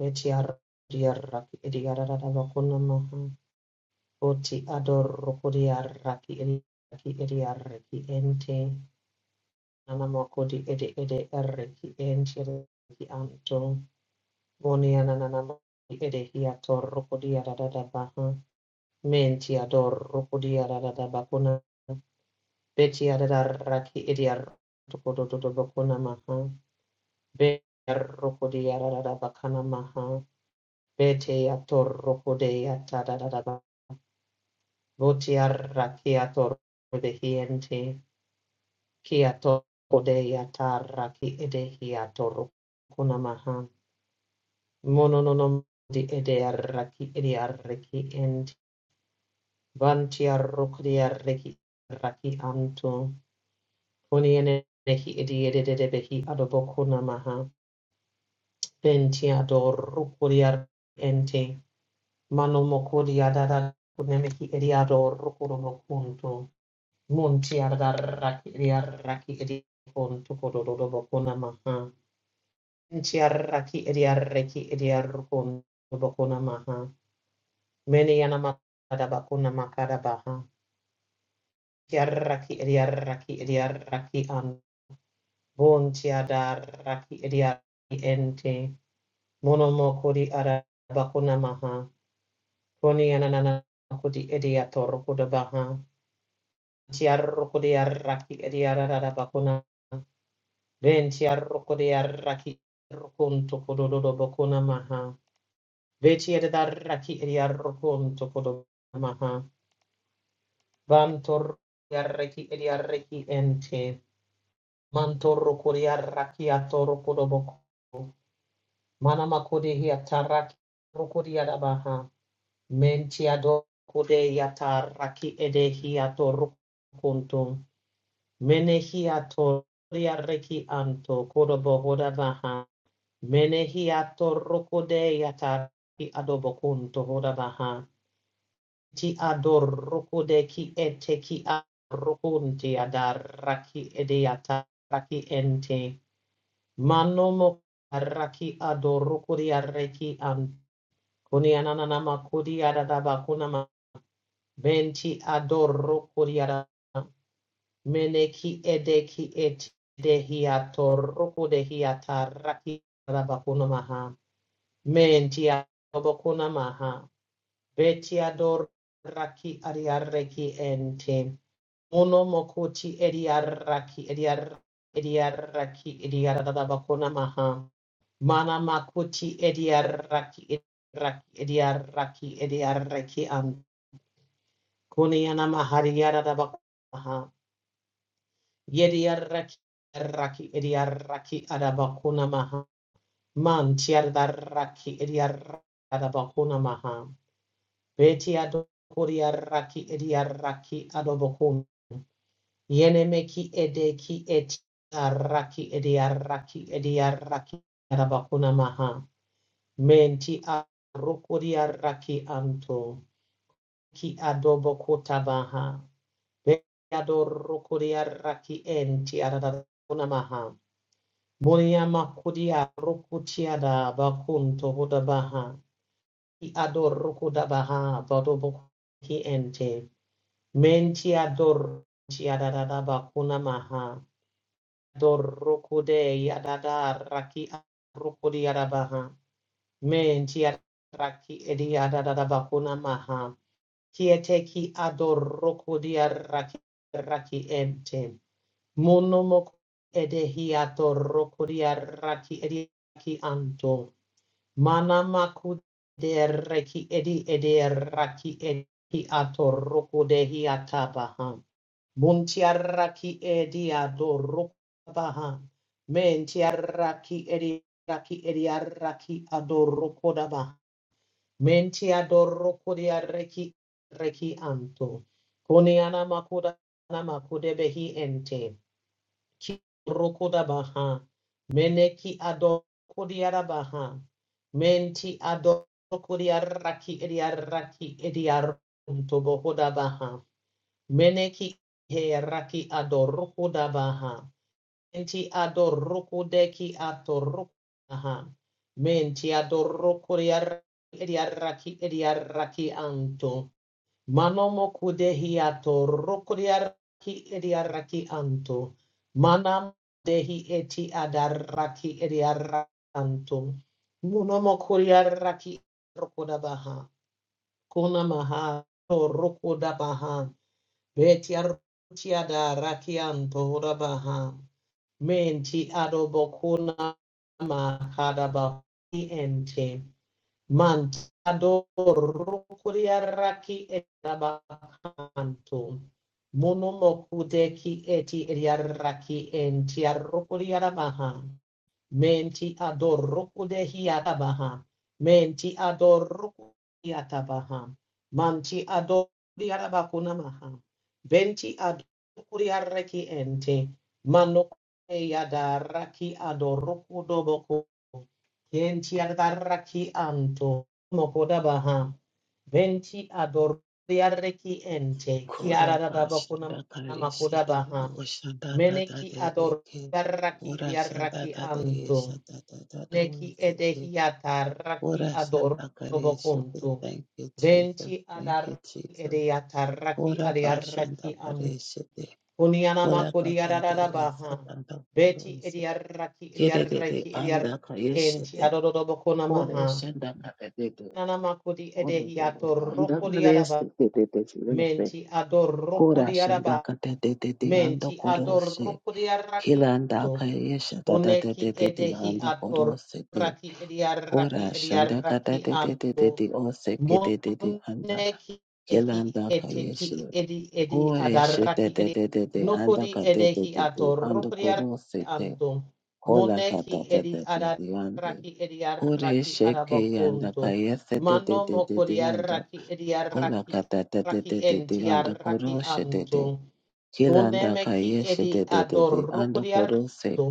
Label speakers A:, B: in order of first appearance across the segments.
A: Mehciarriaraki eriararararabakuna maham. Ochiadorrokuiriaraki eri eri araki ente. Anamakodi ede ede araki enti anto. Moni anananamakodi edehiatorrokuiriarararabahan. Mehciadorrokuiriarararabakuna. Betchiarararaki eriar. Dodo dodo dodo bakuna maham. B errokuiriarararabakuna maham. Bete a torroco de a tadadadada. Voti a raki a torroco de hiente. Ki a torroco de a tarraki ede hi a torroco namaha. Mono no no di ede a raki ede a reki ent. Vanti a roco de a reki raki anto. Koni ene nehi ede ede de de behi adoboco namaha. Venti a torroco de a ente. Mano moco di a dadada. Kunemehi ede a torroco Monti arraki ediarraki ediarcon tocododobocona maha. Enti arraki ediarreki ediarcon tobocona maha. Many anamatadabacona macadabaha. Tiarraki ediarraki ediarraki an. Bonti adarraki ediarraki ente. Monomocodi arabacona maha. Coni anananacodi ediatorcodabaha. Tiarrocodiarraki ediarabacona Venti arroko de arraki arrokonto kododo bokona maha. Veci ed arraki ed arrokonto kododo maha. Vantor arraki ed arraki ente. Mantor kodi arraki atoro kodoboko. Manama kodi hiataraki roko di adabaha. Menti adoro kode yataraki ede hiatoro konto. Mene hiatori arraki anto kodobo hodabaha. Menehia torrocode yata ki adobocunto hodanaha. Ti adorrocode ki ete ki adorrocunti adarraki edeata raki ente. Manomo raki adorrocode arreki an. Kuni ananama kudi adabacunama. Venti adorrocode ada. Meneki edeki ete dehiatorrocode hiata raki adabacunamaha. Mentia obokuna maha. Betia dor raki adiarreki ente. Mono mokoti ediarraki ediar ediarraki ediaradabakuna maha. Mana makuti ediarraki ediarraki ediarraki ediarreki an. Kuniana mahariaradabakuna maha. Yediarraki raki ediarraki adabakuna maha. Mantiardarraki ediarraki adabakuna maha. Beti adokoria raki edia raki adobokun. yenemeki edeki eti araki edia raki edia raki adabakuna maha. Menti arokoria raki anto. Ki adobokota baha. Beti adorokoria raki enti adabakuna maha. Boniama kudia rokutiada bakunto hodabaha. Ki adorokodabaha badoboki ente. Menti ador, dor tiarada bakuna maha. Dor rokude yadada raki rokudi yadabaha. Mentia raki ediadada bakuna maha. Kiete ki ador rokudia raki raki ente. Monomok edehi ador rokudia raki ediaki anto. Mana maku de reki edi ede raki edi ator rokude hiatabaha. Montiaraki edia dorokabaha. Mentiaraki ediaraki ediaraki adorokodaba. Mentiadorokodiareki reki anto. Koniana makuda namakudebehi ente. Ki rokodabaha. Meneki adorokodiarabaha. Menti adorokodiaraki ediaraki ediaronto bohodabaha. Meneki he raki adoroko dabaha. Enti adoroko deki atoroko aha. Menti adoroko riaraki riaraki anto. Manomo kudehi atoroko riaraki riaraki anto. Manam dehi eti adaraki riaraki anto. Munomo kuriaraki roko dabaha. Kona maha toroko dabaha. Betiartia da rakianto rabaha. Menti adobokuna makadaba ente. Mant adorukuria raki etabakanto. Monomokuteki eti eriaraki entiarukuria rabaha. Menti adorruku de hiatabaha. Menti adorruku hiatabaha. Manti adoriarabakunamaha. Benti adoriareki ente. Manoke yadaraki adorruku doboku. Kenti adaraki anto. Mokodabaha. Venti adoriareki ente,
B: Kora
A: kiaradabakuna
B: bashanda karese de
A: makodabaha,
B: oshanda da da
A: meneki
B: de de ke
A: adoriaraki
B: ora shanda
A: riaraki
B: da de yesha
A: anto,
B: da da da do
A: neki
B: se de
A: edehiata raki
B: ora shanda karese de
A: adorobokunto,
B: thank you Jesus
A: venti
B: thank
A: adar
B: you Jesus
A: edeata raki
B: ora
A: adiaraki
B: bashanda
A: anto,
B: karese de
A: uniana
B: ora kata de yesha
A: makodiaradabaha,
B: da da koro
A: beti
B: se
A: ediaraki
B: kere de de
A: riaraki
B: anda
A: riaraki
B: karese
A: enti
B: de
A: adorobokuna
B: kore
A: maha,
B: shanda kare de de
A: nanamakodi
B: ora koro
A: edehiato
B: anda
A: rokodiaraba.
B: karese de de de de de
A: Menti adorroco
B: Kora
A: di
B: shanda
A: araba.
B: kate de de de anda
A: Menti
B: koro
A: adorroco di
B: Hilanda
A: arrachito.
B: kayesha da da de
A: Uneki
B: de de de
A: edehi
B: ando koro se de
A: atorraki ediarraki
B: ora shanda
A: ediarraki
B: kata de de de de de o se ke de de de anda
A: Moneki ehi
B: Hilanda
A: eteki
B: kayesha
A: edi edi
B: ore she de
A: adaraki
B: de
A: edi
B: de de de anda
A: nokodi
B: ka de de
A: edehi
B: de ando
A: atorokodi
B: koro se de
A: anto
B: kola
A: moneki
B: kata de
A: edi
B: de de de ande
A: adaraki edi
B: ore
A: araki
B: she ke anda
A: arabakonto
B: de de
A: mano
B: de de de
A: mokodi
B: ando
A: araki edi
B: kola
A: araki
B: kata de de
A: raki
B: de de de
A: enti
B: ando
A: araki
B: koro she de
A: anto
B: de
A: konemeki
B: kayesha
A: edi
B: de de de de ando
A: adorokodi
B: koro se
A: anto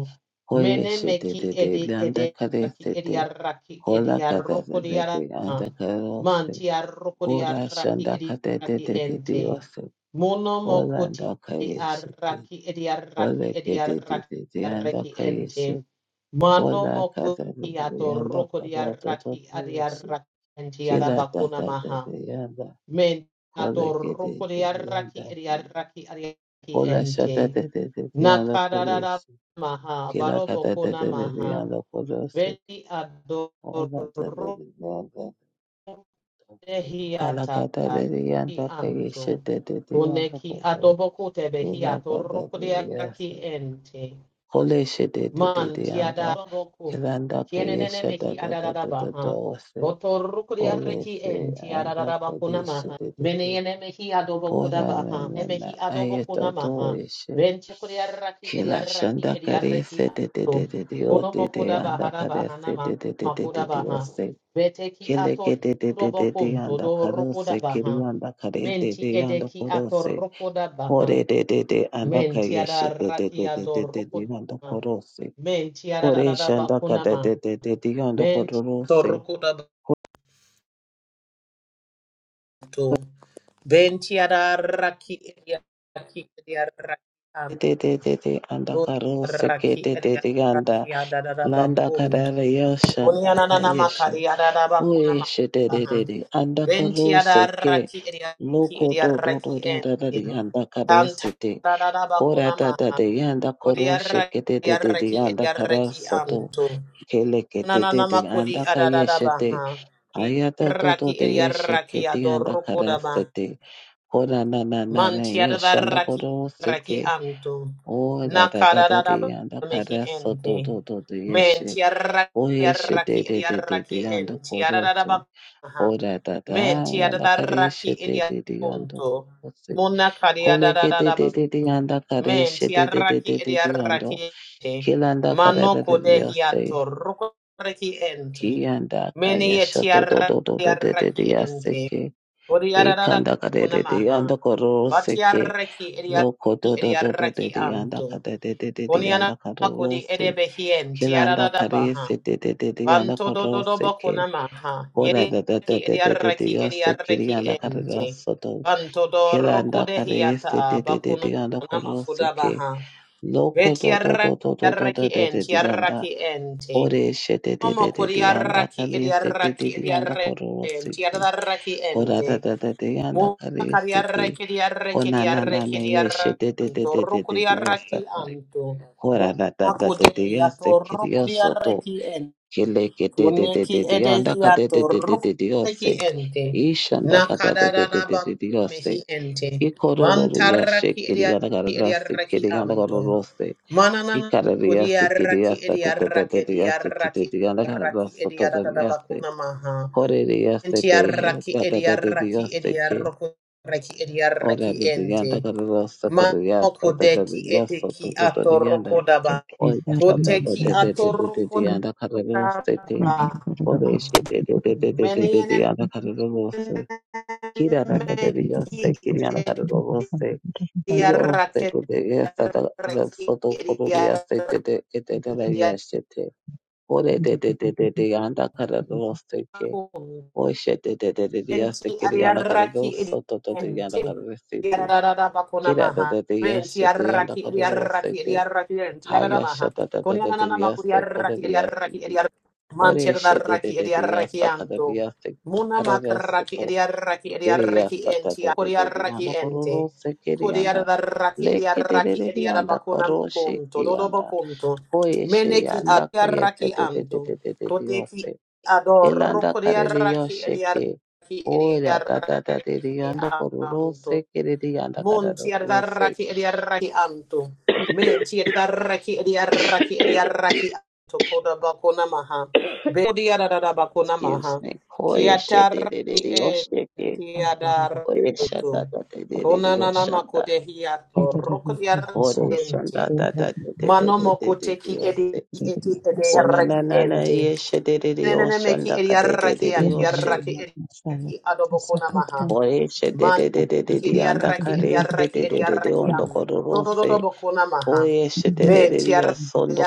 B: Koye shete
A: menemeki
B: te te
A: edi edi
B: landa kare
A: araki edi
B: sete
A: araki edi
B: kola kada de
A: arokodi
B: de de anda kare ose
A: Mantia rokodia
B: kora shanda
A: edi
B: kate te
A: ediaraki
B: te te te
A: ente.
B: ose
A: Mono
B: kola
A: mokoti
B: anda kare shete
A: araki
B: kola
A: ediaraki
B: kete te te te
A: ediaraki
B: anda
A: reki
B: kare
A: ente.
B: se
A: Mano
B: kola kada
A: mokoti
B: de de
A: ato
B: anda
A: rokodia
B: kada to to
A: raki
B: to ose
A: adiaraki ente
B: kila da
A: arabakuna
B: da te
A: maha.
B: te anda
A: Men
B: kola
A: ador
B: kete te
A: rokodia
B: te anda
A: raki
B: kare
A: ediaraki adiaraki
B: kola
A: ente.
B: shata te te te te anda kore
A: Nakarara
B: se
A: maha
B: kila kata te
A: barobokuna
B: te te de
A: maha.
B: anda kore
A: Vedi ador hiata ki anto kune ki adobo kutebe hiato rukudia ki ente Man tiada boku. Kienenene mehi adadadaba ha. Botorukuri arreki en tiadadaba kunamaha. Meneyene mehi adobo kudaba ha. Emehi adobo kunamaha. Bentukuri arraki
B: Kila
A: eriarraki
B: shanda
A: eriarreki
B: karese de de de
A: ato.
B: de de o de
A: Kunomo
B: de
A: kudaba
B: anda
A: hadaba
B: karese
A: hanama
B: de de de de de
A: makudaba ha.
B: de
A: Beteki
B: Kele
A: ato
B: kete te te
A: dobo
B: te te
A: kunto
B: anda
A: do
B: karose
A: rukodaba
B: kiri
A: ha.
B: anda kare te
A: Menti
B: te anda
A: edeki ato
B: korose
A: rukodaba ha.
B: kore te te te anda
A: Men
B: kayeshe
A: tiada
B: te te te
A: rakia
B: te te te te
A: dorokona.
B: anda korose
A: Men tiada da
B: kore
A: da da
B: shanda
A: bakuna
B: kate te
A: ma.
B: te te te anda
A: Ben tiada
B: korose
A: rokoda bato. Ben tiada raki eria raki eria
B: te
A: raki
B: te te te te anda
A: go
B: karose
A: raki
B: kete te
A: eria
B: te anda
A: rakia da da da
B: landa
A: bakun.
B: karare yoshanda
A: Kunia na na
B: kayeshe
A: makari da da bakuna ma.
B: oyeshe te te te
A: Aha.
B: te anda
A: Ben
B: karose
A: tiada
B: ke
A: raki eria raki
B: loko
A: eria
B: do do do
A: raki
B: do da da
A: ente.
B: anda karese
A: Kanta
B: te
A: da da da
B: Kora
A: bakuna
B: da
A: ma.
B: da de yanda koro
A: Odia raki
B: sheke de de
A: eria
B: de de
A: raki
B: yanda
A: eria
B: kara
A: raki
B: soto
A: anto.
B: kele ke de de
A: Ananana
B: de yanda
A: makodi
B: ka
A: adadada
B: yeshe de
A: baha.
B: ayada do
A: Iraki
B: de yeshe ke
A: eriaraki
B: de yanda kara
A: adorokoda ba.
B: sete kora na na na na
A: Mantiada
B: yeshanda
A: raki
B: koro
A: raki
B: seke
A: anto.
B: o da da da da
A: Nakadada
B: de
A: ba
B: yanda
A: mehi
B: kara soto
A: ente.
B: do do de yeshe o
A: Mentiaraki
B: yeshe de
A: raki
B: de de de de
A: eriaraki
B: yanda
A: enti
B: koro
A: adadada
B: se
A: baha.
B: kora da da yanda
A: Mentiada
B: kara
A: raki
B: yeshe de de de yanda
A: eriakonto.
B: koro se Kole ke de de
A: Mona
B: de de yanda kare
A: Men
B: she de de de de
A: tiaraki
B: de de
A: ediaraki ente.
B: Kilanda
A: Mano
B: kararariyase,
A: kodehiato rukoreki ente.
B: kiyanda
A: Mene
B: kaya
A: ye
B: shoto do do do do de de
A: tiaraki
B: diyase
A: ente.
B: ke,
A: Odiarada
B: ikanda kararari yanda
A: kunamaha.
B: korose ke,
A: Batiaraki
B: loko
A: ediaraki
B: do do do do de
A: ediaraki
B: de yanda
A: anto.
B: kararari de de de
A: Oniana
B: yanda
A: kodi
B: korose,
A: edebehien
B: kilanda
A: tiarada baha.
B: karese de de de de yanda
A: Vanto dododo
B: korose ke,
A: bakunamaha.
B: kora da da da
A: Yediaraki
B: de de de de
A: ediaraki
B: yase
A: ediaraki
B: kiriyanda
A: ente.
B: kararasoto,
A: Vanto doroko
B: kilanda karese
A: dehiata
B: de de de de
A: bakuna.
B: yanda korose ke,
A: Namakudabaha.
B: loko do do do do do do
A: Vetiaraki
B: de de
A: enti,
B: de yanda
A: araki enti.
B: Ore shete te
A: Homo
B: te te te, anda
A: curiaraki
B: kali sete te
A: idiaraki
B: te anda kororo
A: idiarenti,
B: sete.
A: adaraki
B: Ora
A: ente.
B: da da da te anda kali sete.
A: Mucariaraki diaraki
B: Ona na na
A: diaraki
B: ne ye shete de te
A: diaranto,
B: te te te te
A: rucuriaraki
B: osaka.
A: anto.
B: Ora da da da te
A: Bumacude,
B: te ya se
A: ato
B: kirioso to.
A: rucuriaraki ente.
B: Kile ke te te te te,
A: Kuneki
B: de anda kade te
A: edehiato
B: te te, de de ose.
A: rukuneki ente.
B: Ishanda kade te te te, de
A: Nakadadadaba
B: de de ose.
A: mehi ente.
B: Ikororo ya she
A: Bantaraki
B: kiriyanda
A: ediaraki
B: karara se
A: ediaraki
B: kiriyanda
A: anto.
B: kororo se.
A: Mananana
B: Ikarariyase
A: kudiaraki
B: kiriyase
A: ediaraki
B: tatatatiyase
A: ediaraki
B: tititiyana
A: ediaraki
B: kararaso
A: ediaradadaba
B: totoriyase
A: kunamaha.
B: koreriyase tehe
A: Entiaraki ediaraki
B: tatatatiyase ke
A: ediaraki ediaraki
B: orariyanda
A: ente.
B: kararaso
A: Mano
B: koreriyase
A: kudeki
B: tatatiyaso
A: edeki ato
B: totoriyanda
C: Thank
A: rokodaba.
C: you.
B: oyasa
A: Koteki ato
B: tatatatatiyanda kararose te
A: Rabba,
B: oreshe
A: many an
B: tatatatiyanda
A: enemy,
B: kararose kiraratatiyase kiriyana kararose Iyo sete de esta soto corrupia sete de etera yashete Ore de de de de de yanda kararırsa roste o işe de de de de de yasta
A: Enti
B: ki yanda
A: ariaraki
B: kararırsa da da de
A: enti.
B: yanda kararırsa de anda cara restiti
A: Yarada bakona
B: kira de
A: maha.
B: de de
A: Enti
B: yaşa de yanda
A: ariaraki
B: kararırsa
A: ariaraki
B: de
A: ariaraki enti. Yarada maha.
B: hayaşa da de de
A: Konya na
B: de
A: na
B: de
A: na makuri
B: yaste kore yasta
A: ariaraki
B: de
A: ariaraki
B: yastiti
A: ariaraki.
B: Ore
A: Manchir
B: işe de de
A: daraki
B: de de
A: ariaraki
B: yasta cara de
A: anto.
B: yaste yasta
A: Muna
B: kararırsa
A: makaraki
B: to
A: ariaraki
B: kiri
A: ariaraki
B: yasta de
A: enti.
B: da
A: Kuri
B: de de de
A: ariaraki
B: yanda
A: enti.
B: roste kiri
A: Kuri
B: yanda
A: ariaraki
B: leke de
A: ariaraki
B: de de de
A: ariarada
B: yanda
A: bakuna
B: kararırsa ki
A: punto. Dodo
B: yanda
A: bakunto.
B: o işe
A: Meneki
B: yanda kayırsa
A: ariaraki
B: de de de
A: anto.
B: de de de
A: Koteki
B: de
A: adoro
B: Ilanda
A: kuri
B: karere
A: ariaraki
B: yosheke
A: ki
B: ora tata tatere
A: ediaraki
B: yondo kororo
A: anto.
B: sekere yanda
A: monti ti
B: karoro se
A: adaraki ediaraki anto. Men ti adaraki ediaraki ediaraki anto. Koda bakuna maha. Be diarada bakuna maha.
B: excuse me koe
A: Kiataraki
B: shetere yosheke
A: enti ti
B: koe
A: adaranto.
B: shanda tatere
A: Kona nana
B: yoshanda
A: makote hiato.
B: kore
A: Rokodiaraki ente.
B: shanda tata
A: Mano mokote
B: tatere
A: ki edi
B: yose
A: eti
B: ona na
A: ediaraki
B: na na
A: ente.
B: ye shetere
A: Enene meki
B: yoshanda
A: ediaraki
B: kadere yoshe
A: antiaraki ediaraki adobokona maha.
B: koe
A: Man
B: shetere yanda
A: ediaraki
B: kare
A: ediaraki
B: setere
A: ediaraki
B: yondo
A: am.
B: kororo se
A: Dododobokona maha.
B: Oye,
A: Ben
B: shetereria
A: tiaraki
B: sondo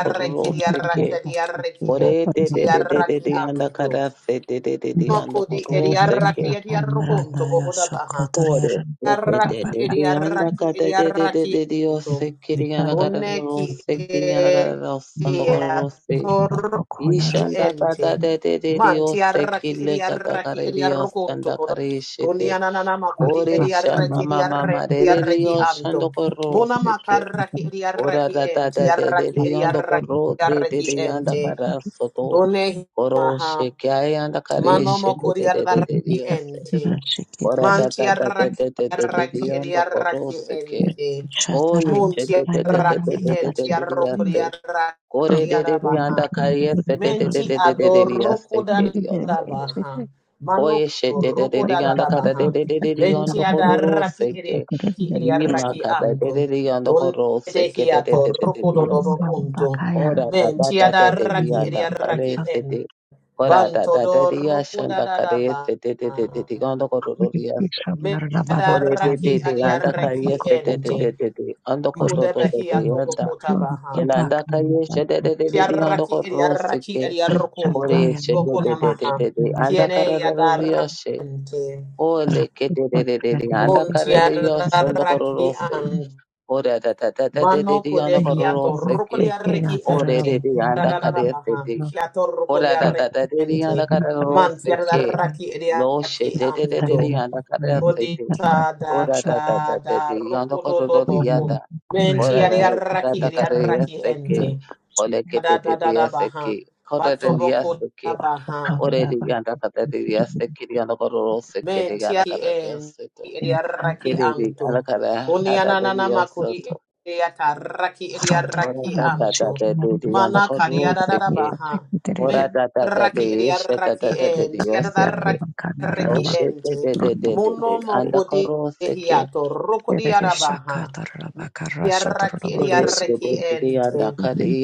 A: ediaraki
B: koroseke.
A: ediaraki
B: Ore de de de de de
A: ediaraki
B: de anda
A: amto.
B: karase de de de de anda
A: Moko di
B: koroseke.
A: ediaraki ediarokonto bohoda baha.
B: Ore de de
A: Arraki
B: de de
A: eri
B: de anda
A: arraki
B: kata
A: eri
B: de de de
A: arraki
B: de de
A: ito.
B: oseke de anda kata
A: Kone ki
B: koroseke de anda kata
A: eri
B: sondo korose.
A: atorraki
B: Ishanda
A: ente.
B: kata de de de de
A: Manti
B: oseke
A: arraki eri
B: le kata
A: arraki
B: kare
A: eri
B: de
A: arrokonto
B: osanda
A: kodo.
B: kare
A: Koni
B: shete.
A: ananana makuti
B: Ore
A: eri arraki
B: shama
A: eri
B: mama
A: arraki
B: mama de
A: eri
B: de de
A: arraki anto.
B: osando
A: Mona
B: koroseke.
A: makarraki eri
B: Ora
A: arraki
B: da da
A: enti
B: da de de
A: arraki
B: de
A: eri
B: yanda koro
A: arraki
B: de de
A: arraki
B: de yanda
A: ente.
B: kara soto
A: Kone hi
B: koro
A: maha.
B: sheke yanda kare she
A: Manomo
B: de de de de de de
A: kuriarraki
B: yose.
A: ente.
B: Ora da da da de
A: Mantiarraki
B: de de de de de
A: arraki
B: yanda koro
A: ediarraki
B: seke.
A: ente.
C: Shatarara,
B: Oye she de de de de de
C: Rainara,
A: Muntiarraki
B: de de de
A: ente
B: de
C: Nabatsit,
B: de yase. Kore
A: arrokuriarraki
C: Rama
B: de de de
A: arabaha.
B: yanda kare se de de de
A: Menti
B: de de de de de
A: adoroko
B: yase ke de yosoto.
A: dadabaha. mano adorokudadabaha.
B: Oye she de de de de yanda kara de
A: Manokorokudadabaha.
B: de de de de
A: Benti
B: yanda koro ro
A: adarraki
B: seke.
A: ediarraki
B: Ima
A: ediarraki
B: kara de
A: anto.
B: de de yanda koro seke de de
A: Kundehiato
B: de de de de
A: rokododobo
B: yose.
A: kunto.
B: Ora da da
A: Menti
B: da da de
A: adarraki
B: dianda kare
A: ediarraki ente.
B: sete. Ora da da da
A: Bantodor
B: dia shanda kare
A: kudadadaba.
B: sete de de de de gondo koro ro riaste. Ore de de
A: Medaraki
B: de anda kare
A: adiaraki
B: sete de
A: ente.
B: de de de ando koto to to to
A: Kudabahia tobo
B: yanda.
A: kutabaha.
B: Kela anda kare sete de de de de ando
A: Kiaraki
B: koro ro
A: adiaraki
B: seke.
A: adiarukunto.
B: Ore sete de de de
A: Bokonamaha.
B: de de anda
A: Kiene
B: kare rioshe.
A: yadarante.
B: Ole ke de de de de anda kare rioshe ando koro
C: Thank
B: se.
C: you.
A: Montiadaraki
B: Ora da da da da de de
A: Mano
B: de ando
A: kode
B: koro
C: Thank
B: ro
A: hiato
B: seke.
A: rokodia reki
B: Ore de
A: ente.
B: de anda
A: Tadadada
B: kare
A: baha.
B: sete.
A: Kiato
B: Ora
A: rokodia
B: da da
A: reki
B: da de di anda
A: ente.
B: kara ro
A: Man
B: se
A: fierda
B: ke.
A: raki edia
B: Lo she
A: raki
B: de de de de
A: anto.
B: di anda kara se
A: Kodi
B: te.
A: ta da
B: Ora da da
A: da
B: da de
A: da
B: di anda
A: rokodo
B: kara
A: do
B: ro di
A: bokum.
B: anda.
A: Menti
B: Ora da
A: edia
B: da
A: raki
B: da
A: edia
B: kara ya
A: raki
B: se ke.
A: ente.
B: Ole ke de
A: Da
B: de
A: da
B: de
A: da
B: ya
A: da
B: se
A: baha.
B: ke. Kora de
A: Bato
B: di ya
A: boko
B: se
A: da
B: ke.
A: baha.
B: Ore di anda kara de di ya se ke di anda kara ro se ke di anda
A: Mentiaki
B: kara de ya
A: en
B: se to. Ke
A: idiaraki
B: de di
A: anto.
B: anda kara ha da de di
A: Kunianana
B: ya se
A: makuri
B: to.
A: idiataraki
B: Ora
A: idiaraki
B: da da da
A: anto.
B: de di anda
A: Mana
B: kara ro se
A: kariarada
B: ke.
A: baha.
B: Ora da da da
A: Mentiraki
B: de she da
A: idiaraki
B: da da de
A: en
B: dioseke. Lo
A: tiadaraki
B: she de
A: ente.
B: de de de de
A: Muno
B: de.
C: you.
B: Anda
A: mokudi
B: karo seke.
A: ehiato
C: Yes,
A: rokodiarabaha. Yaraki
B: Ore de
A: idiaraki
B: de de de
A: ente.
B: anda kari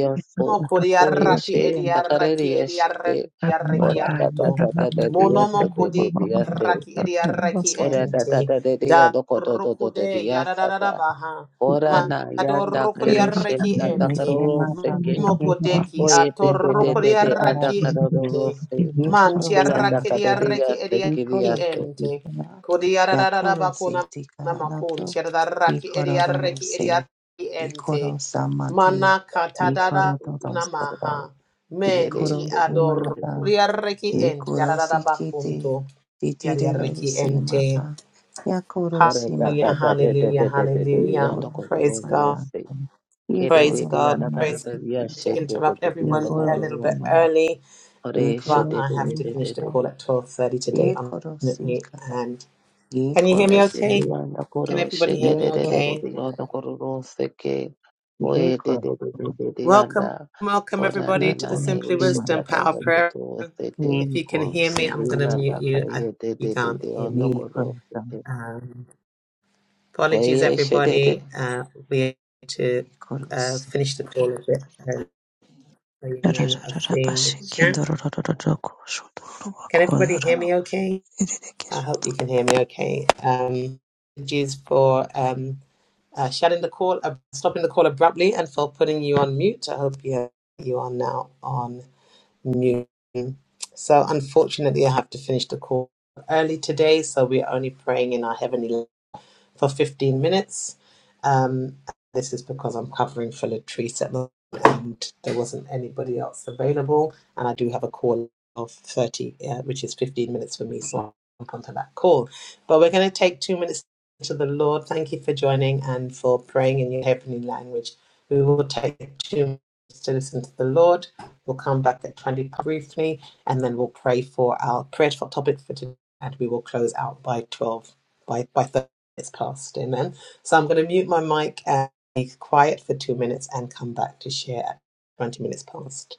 B: Koye
A: Mokuriaraki
B: she anda kare
A: ediaraki
B: riyesh de.
A: ediaraki
B: Ora da da
A: anto.
B: da da de
A: Monomo
B: diyase de de
A: kudi
B: diyase.
A: raki ediaraki
B: Ora da da
A: ente.
B: da de de
A: Da
B: yodo kodo do do de
A: rukude
B: diyasa
A: yadadada
B: da.
A: baha.
D: He
B: Ora
D: currently
B: na
A: Mado
B: yanda kye she
A: rukuriaraki
B: anda
D: lives
A: ente.
D: in
B: karo seke.
D: Massachusetts,
A: Mokudeki
B: Oye de
A: ato
D: in
B: de de
D: Florence,
B: de de
D: California.
B: anda
A: rukuriaraki
B: karo
A: ente.
B: seke.
D: He
B: Kila anda
D: currently
A: Mantiaraki
B: kare
A: ediaraki
B: riyase
A: ediaraki
B: kiriyase.
D: works in
A: ente.
D: Florence,
A: Kudiarada bakuna
D: Yakurusi,
A: namakun.
D: Colorado. He
A: Tiaraki ediaraki
D: currently
A: ediaraki
D: he currently
A: ente.
D: lives in Massachusetts.
A: Mana
B: Ore
D: He
A: katadada namaha menti
D: currently lives in Florence,
A: ador
D: California.
A: yarreki enti yarada
D: Ikorosi kiti
A: bakunto
D: titiriro
A: yarreki ente
D: simapa. Yakorosi
A: hallelujah
D: makikita.
A: hallelujah hallelujah
D: Ikorosi
A: praise god
D: patata.
A: praise
D: Ikorosi
A: god praise god to
D: makikita.
A: interrupt everyone a little
D: Ikorosi
A: bit
D: mata.
A: early but i
D: Ikorosi
A: have to finish the
D: mata.
A: call at 12:30 today
D: Ikorosi
A: unfortunately
D: kata.
A: and can you hear me
D: Ikorosi
A: okay
D: mata.
A: can everybody hear me okay
D: Ikorosi. Ikorosi mata.
A: welcome welcome everybody to the simply
D: Ikorosi mata. Ikorosi
A: wisdom
D: mata. Ikorosi
A: power
D: mata.
A: prayer if you can hear me i'm going to mute you i you can't hear me Um, apologies,
B: Koyesha did it.
A: everybody. Uh, we had to uh,
D: Ikorosi.
A: finish the call a bit early, so you may not have seen the chat. Can everybody hear me okay? I hope you can hear me okay. Um, apologies for um, uh, shutting the call, uh, stopping the call abruptly, and for putting you on mute. I hope you you are now on mute. So, unfortunately, I have to finish the call early today, so we're only praying in our heavenly for 15 minutes. Um, this is because I'm covering for Latrice at the moment and there wasn't anybody else available. And I do have a call of 30, uh, which is 15 minutes for me, so I'll jump onto that call. But we're going to take two minutes to the Lord. Thank you for joining and for praying in your heavenly language. We will take two minutes to listen to the Lord. We'll come back at 20 briefly and then we'll pray for our prayer topic for topic for today and we will close out by 12, by, by 30. It's past, amen. So I'm going to mute my mic and be quiet for two minutes and come back to share at 20 minutes past.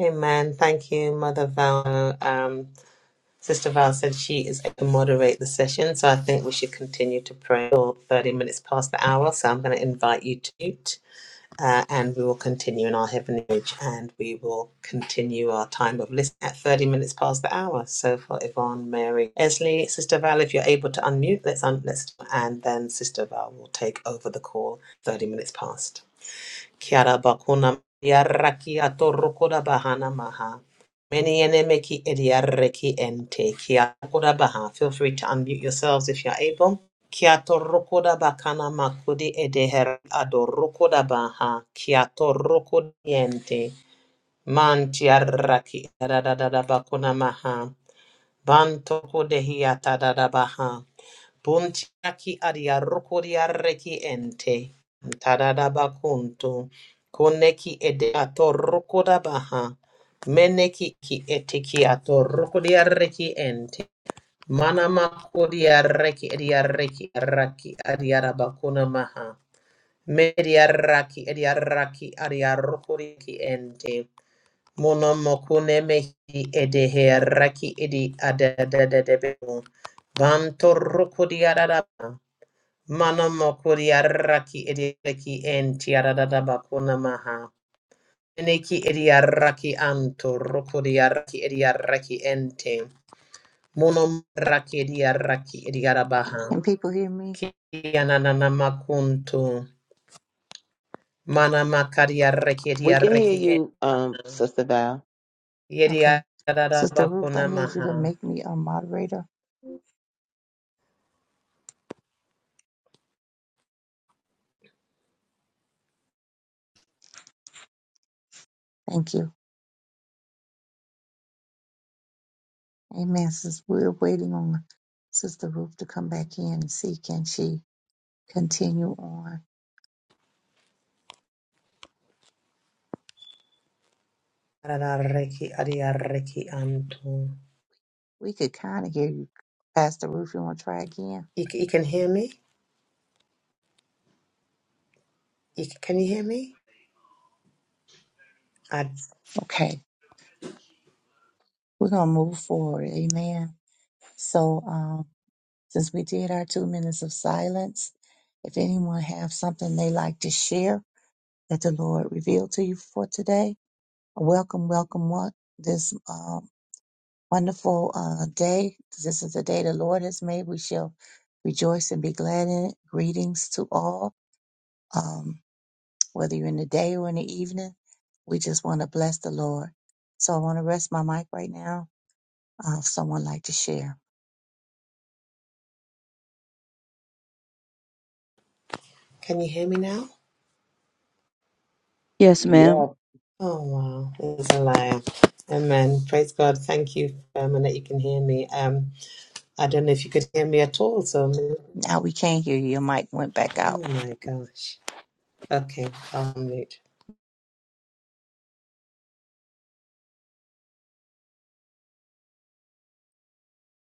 A: Amen. Thank you, Mother Val. Um, Sister Val said she is able to moderate the session, so I think we should continue to pray till 30 minutes past the hour. So I'm going to invite you to mute. uh, and we will continue in our heavenly age and we will continue our time of listening at 30 minutes past the hour. So for Yvonne, Mary, Esley, Sister Val, if you're able to unmute, let's un- let's and then Sister Val will take over the call 30 minutes past. Kiara bakuna yarraki atorokoda bahana maha. Many enemeki ediarreki ente. Kiakoda baha. Feel free to unmute yourselves if you're able. Kiatorokoda bakana makudi edeher adorokoda baha. Kiatorokod yente. Mantiarraki da da da da bakuna maha. Bantokodehiata da da baha. Puntiaki adiarukuri arreki ente. Tadadaba kuntu. Koneki ede atorukuda baha. Meneki ki etiki atorukuri arreki ente. Manamakuri arreki adiarreki arraki adiarabakuna maha. Mediarraki adiarraki adiarukuri ki ente. Monomokune mehi edehe arraki edi adadadadabun. Vantorukuri adadaba. Mano mokuri arraki ediaraki enti aradada bakuna maha. Eneki ediaraki anto rokuri arraki ediaraki ente. Mono raki ediaraki ediarabaha.
D: Can people hear me?
A: Kiananana makunto. Mana makari arraki
B: We can hear
A: ediaraki
B: you,
A: ente.
B: um, Sister Val.
D: Okay.
A: Yediarada
D: Sister Ruth, I
A: bakuna
D: need you to
A: maha.
D: make me a moderator. Thank you. Amen. Since we're waiting on Sister Ruth to come back in and see can she continue on.
A: Araraki adiaraki anto.
D: We could kind of hear you. Pastor Ruth, you want to try again?
A: You, c- you can hear me? You, c- can you hear me? I,
D: Okay. We're going to move forward. Amen. So, um, since we did our two minutes of silence, if anyone have something they like to share that the Lord revealed to you for today, welcome, welcome, what this wonderful uh, day. This is the day the Lord has made. We shall rejoice and be glad in it. Greetings to all, um, whether you're in the day or in the evening. We just want to bless the Lord. So I want to rest my mic right now. Uh, if someone like to share.
A: can you hear me now?
B: Yeah,
A: Oh wow, it's a liar. Amen. Praise God. Thank you, um, and that you can hear me. Um, I don't know if you could hear me at all. So,
D: Now we can't hear you. Your mic went back out.
A: oh my gosh. Okay, I'll mute.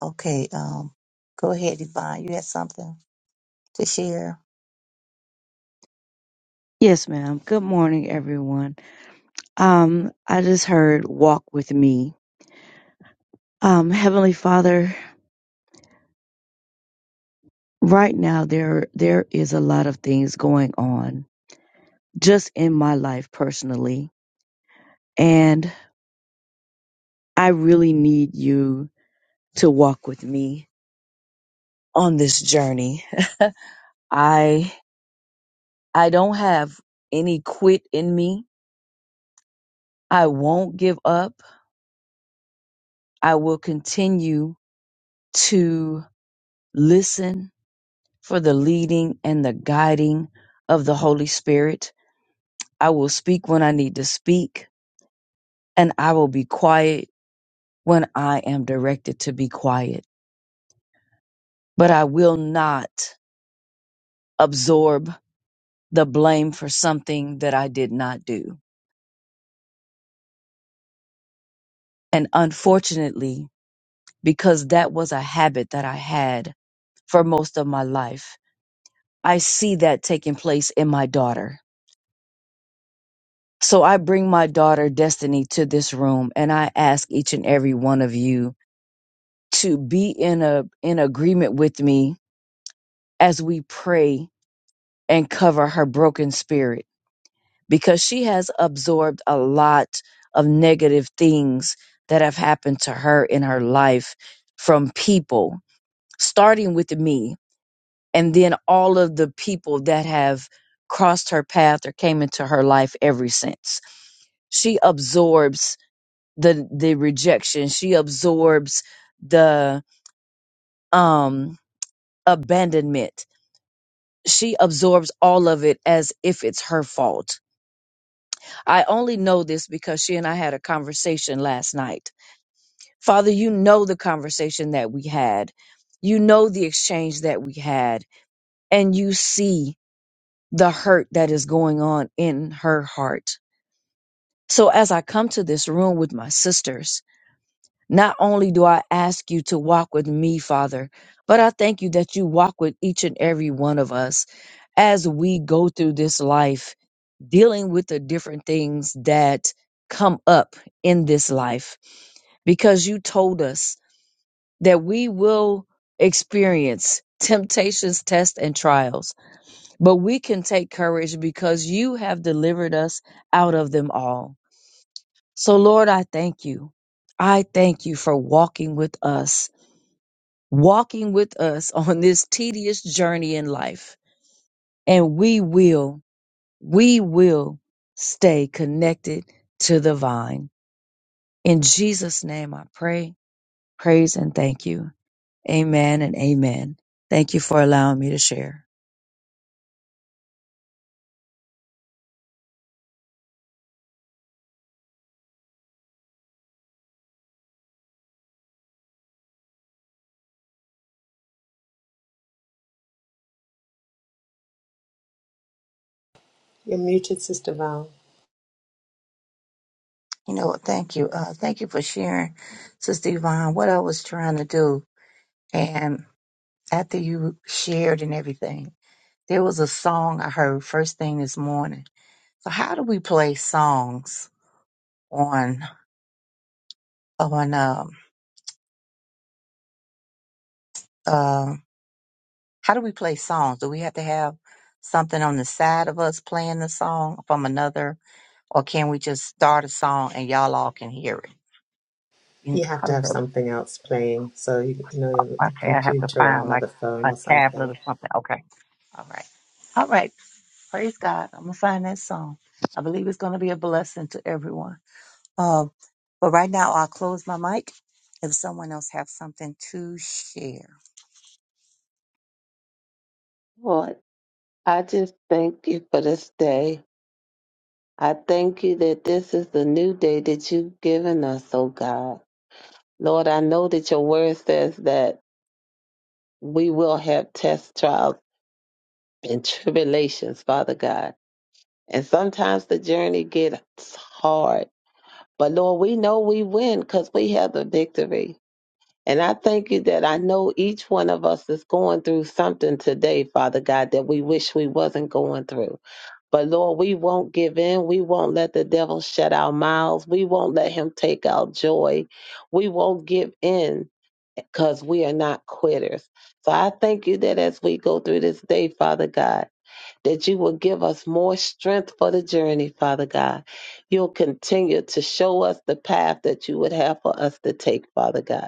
D: Okay. Um, go ahead, Yvonne. You had something to share.
C: yes, ma'am. Good morning, everyone. Um, I just heard "Walk with Me," Um, Heavenly Father, right now there there is a lot of things going on just in my life personally, and I really need you to walk with me on this journey. I I don't have any quit in me. I won't give up. I will continue to listen for the leading and the guiding of the Holy Spirit. I will speak when I need to speak, and I will be quiet when I am directed to be quiet, but I will not absorb the blame for something that I did not do. And unfortunately, because that was a habit that I had for most of my life, I see that taking place in my daughter. So I bring my daughter Destiny to this room and I ask each and every one of you to be in a in agreement with me as we pray and cover her broken spirit because she has absorbed a lot of negative things that have happened to her in her life from people, starting with me, and then all of the people that have crossed her path or came into her life ever since. She absorbs the the rejection. She absorbs the um abandonment. She absorbs all of it as if it's her fault. I only know this because she and I had a conversation last night Father, you know the conversation that we had. You know the exchange that we had. And you see the hurt that is going on in her heart. So as I come to this room with my sisters, not only do I ask you to walk with me, Father, but I thank you that you walk with each and every one of us as we go through this life, dealing with the different things that come up in this life because you told us that we will experience temptations, tests, and trials, but we can take courage because you have delivered us out of them all. So, Lord, I thank you. I thank you for walking with us, walking with us on this tedious journey in life. And we will, we will stay connected to the vine. In Jesus' name, I pray, praise, and thank you. Amen and amen. Thank you for allowing me to share.
A: You're muted, Sister Val.
D: You know, what? thank you. Uh, thank you for sharing, Sister Yvonne. What I was trying to do, after you shared and everything, there was a song I heard first thing this morning. So how do we play songs on on um um how do we play songs? Do we have to have something on the side of us playing the song from another, or can we just start a song and y'all all can hear it? You-
A: You have
D: How
A: to
D: does
A: have
D: that? work?
A: something else playing, so you, you know, your
D: Okay, I have to
A: computer or
D: find like
A: another phone
D: a
A: or
D: tablet
A: something.
D: or something. Okay, all right, all right. Praise God! I'm gonna find that song. I believe it's gonna be a blessing to everyone. Um, but right now, I'll close my mic if someone else has something to share.
B: Lord, I just thank you for this day. I thank you that this is the new day that you've given us, oh God. Lord, I know that your word says that we will have tests, trials and tribulations, Father God. And sometimes the journey gets hard. But Lord, we know we win because we have the victory. And I thank you that I know each one of us is going through something today, Father God, that we wish we wasn't going through. But Lord, we won't give in. We won't let the devil shut our mouths. We won't let him take our joy. We won't give in because we are not quitters. So I thank you that as we go through this day, Father God, that you will give us more strength for the journey, Father God. You'll continue to show us the path that you would have for us to take, Father God.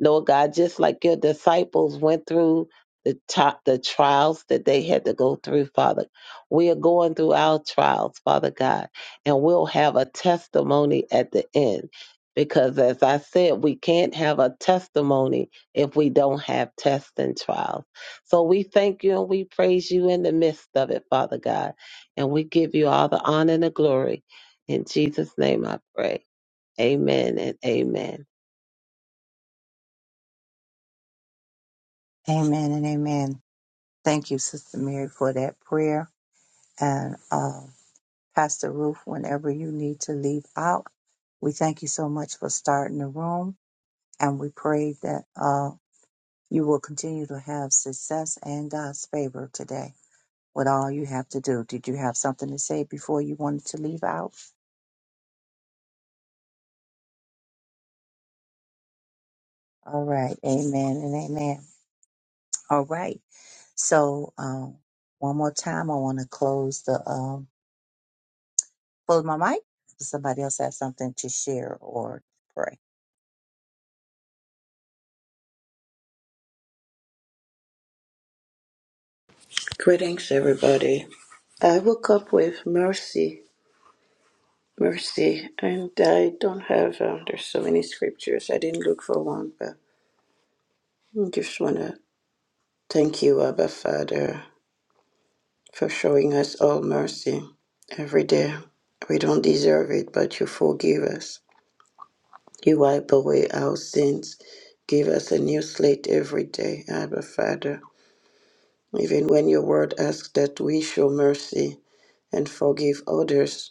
B: Lord God, just like your disciples went through the top the trials that they had to go through, Father. We are going through our trials, Father God, and we'll have a testimony at the end. Because as I said, we can't have a testimony if we don't have tests and trials. So we thank you and we praise you in the midst of it, Father God. And we give you all the honor and the glory. In Jesus' name I pray. Amen and amen.
D: Amen and amen. Thank you, Sister Mary, for that prayer. And uh, Pastor Ruth, whenever you need to leave out, we thank you so much for starting the room. And we pray that uh, you will continue to have success and God's favor today with all you have to do. Did you have something to say before you wanted to leave out? All right. Amen and amen. All right. So um, one more time, I want to close the um, close my mic. Does somebody else have something to share or pray?
E: Greetings, everybody. I woke up with mercy, mercy, and I don't have, um, there's so many scriptures. I didn't look for one, but I just want to thank you, Abba Father, for showing us all mercy every day. We don't deserve it, but you forgive us. You wipe away our sins. Give us a new slate every day, Abba Father. Even when your word asks that we show mercy, and forgive others.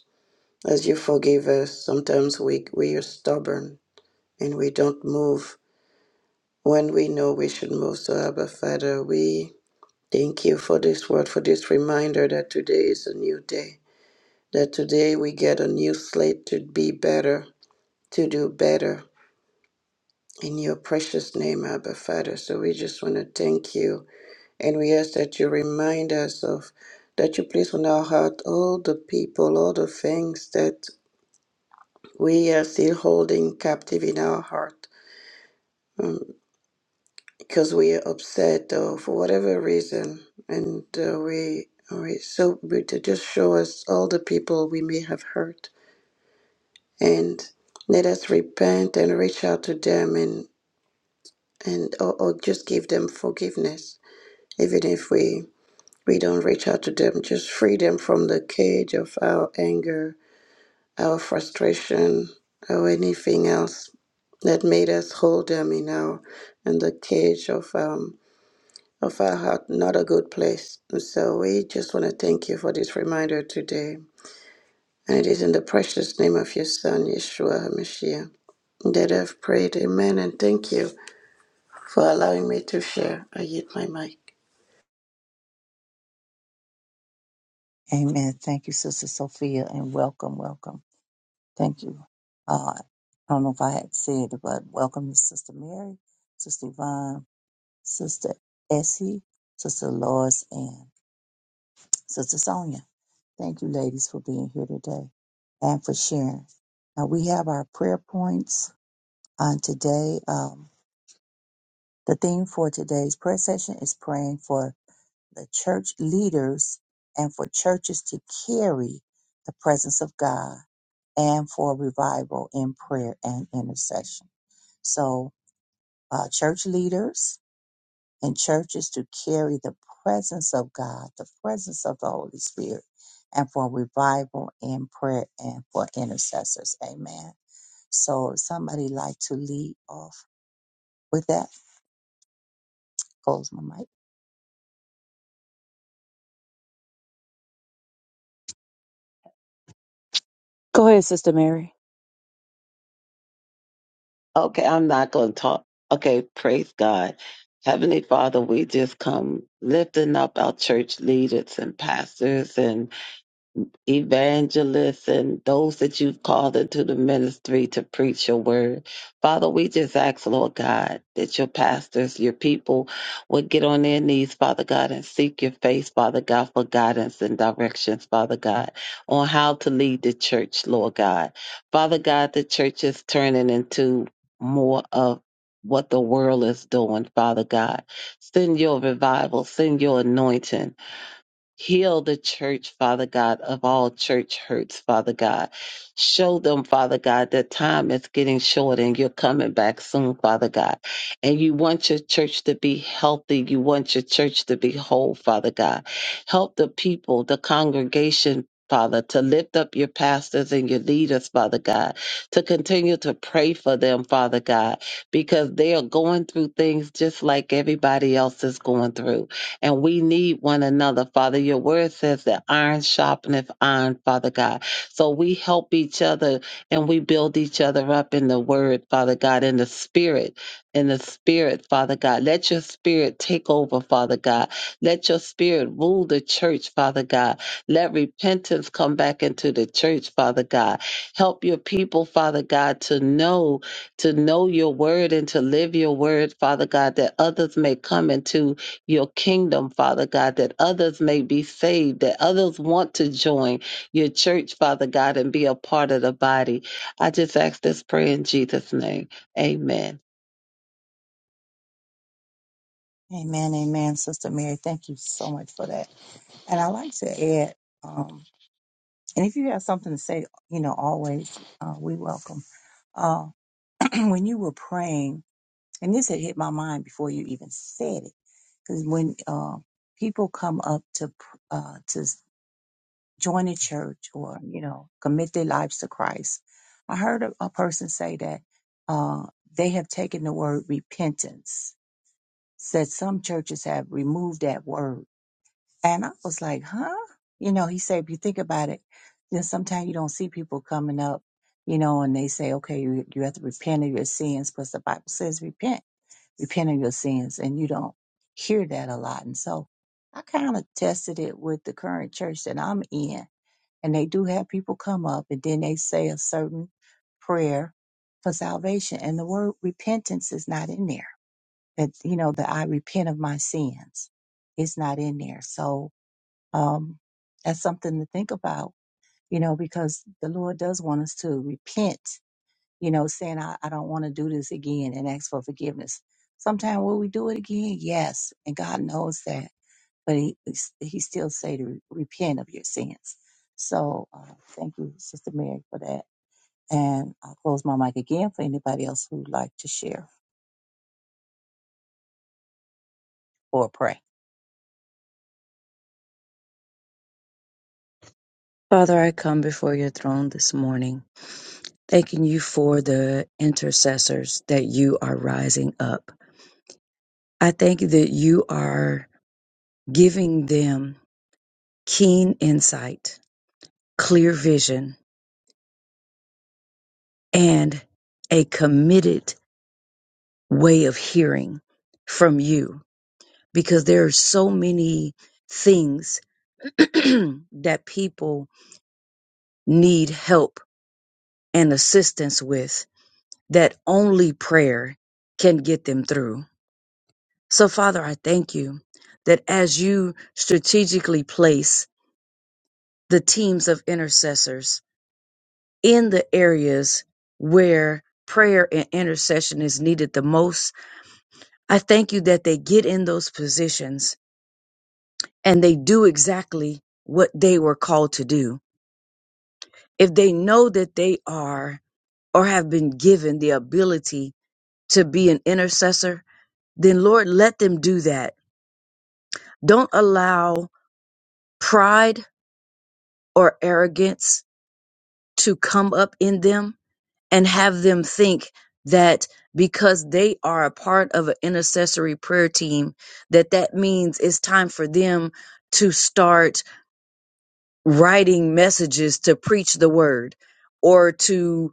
E: As you forgive us, sometimes we, we are stubborn and we don't move when we know we should move. So, Abba Father, we thank you for this word, for this reminder that today is a new day, that today we get a new slate to be better, to do better. In your precious name, Abba Father. So we just want to thank you. And we ask that you remind us of, that you place on our heart all the people, all the things that we are still holding captive in our heart um, because we are upset or for whatever reason, and uh, we we so we to just show us all the people we may have hurt, and let us repent and reach out to them and and or, or just give them forgiveness, even if we we don't reach out to them, just free them from the cage of our anger, our frustration, or anything else that made us hold them in our in the cage of um of our heart, not a good place. And so we just want to thank you for this reminder today. And it is in the precious name of your Son, Yeshua HaMashiach, that I've prayed. Amen. And thank you for allowing me to share. I yield my mic.
D: Amen. Thank you, Sister Sophia, and welcome, welcome. Thank you. Uh, I don't know if I had said it, but welcome to Sister Mary, Sister Yvonne, Sister Essie, Sister Lois, and Sister Sonia. Thank you, ladies, for being here today and for sharing. Now we have our prayer points on today. Um, The theme for today's prayer session is praying for the church leaders and for churches to carry the presence of God and for revival in prayer and intercession. So, uh, church leaders and churches to carry the presence of God, the presence of the Holy Spirit, and for revival in prayer and for intercessors. Amen. So, somebody like to lead off with that? Close my mic.
C: Go ahead, Sister Mary.
B: Okay, I'm not going to talk. Okay, praise God. Heavenly Father, we just come lifting up our church leaders and pastors and evangelists and those that you've called into the ministry to preach your word. Father, we just ask, Lord God, that your pastors, your people would get on their knees, Father God, and seek your face, Father God, for guidance and directions, Father God, on how to lead the church, Lord God. Father God, the church is turning into more of what the world is doing, Father God. Send your revival, send your anointing Heal the church, Father God, of all church hurts, Father God. Show them, Father God, that time is getting short and you're coming back soon, Father God. And you want your church to be healthy. You want your church to be whole, Father God. Help the people, the congregation, Father, to lift up your pastors and your leaders, Father God, to continue to pray for them, Father God, because they are going through things just like everybody else is going through and we need one another, Father. Your word says that iron sharpeneth iron, Father God. So we help each other and we build each other up in the word, Father God, in the spirit, in the spirit, Father God. Let your spirit take over, Father God. Let your spirit rule the church, Father God. Let repentance come back into the church, Father God. Help your people, Father God, to know, to know your word and to live your word, Father God, that others may come into your kingdom, Father God, that others may be saved, that others want to join your church, Father God, and be a part of the body. I just ask this prayer in Jesus' name. Amen.
D: Amen, amen, Sister Mary. Thank you so much for that. And I like to add, um, and if you have something to say, you know, always uh, we welcome. Uh, when you were praying, and this had hit my mind before you even said it, because when uh, people come up to pr- uh, to s- join a church or you know commit their lives to Christ, I heard a, a person say that uh, they have taken the word repentance. Said some churches have removed that word And I was like, huh? You know, he said, if you think about it, then sometimes you don't see people coming up, you know, and they say, okay, you, you have to repent of your sins, because the Bible says repent, repent of your sins. And you don't hear that a lot. And so I kind of tested it with the current church that I'm in. And they do have people come up and then they say a certain prayer for salvation. And the word repentance is not in there. That, you know, that I repent of my sins. It's not in there. So, um, that's something to think about, you know, because the Lord does want us to repent, you know, saying, I, I don't want to do this again and ask for forgiveness. Sometimes will we do it again? Yes. And God knows that. But he, he still say to repent of your sins. So uh, thank you, Sister Mary, for that. And I'll close my mic again for anybody else who'd like to share or pray.
C: Father, I come before your throne this morning, thanking you for the intercessors that you are rising up. I thank you that you are giving them keen insight, clear vision, and a committed way of hearing from you because there are so many things that people need help and assistance with that only prayer can get them through. So, Father, I thank you that as you strategically place the teams of intercessors in the areas where prayer and intercession is needed the most, I thank you that they get in those positions and they do exactly what they were called to do. If they know that they are or have been given the ability to be an intercessor, then Lord, let them do that. Don't allow pride or arrogance to come up in them and have them think that because they are a part of an intercessory prayer team, that that means it's time for them to start writing messages to preach the word or to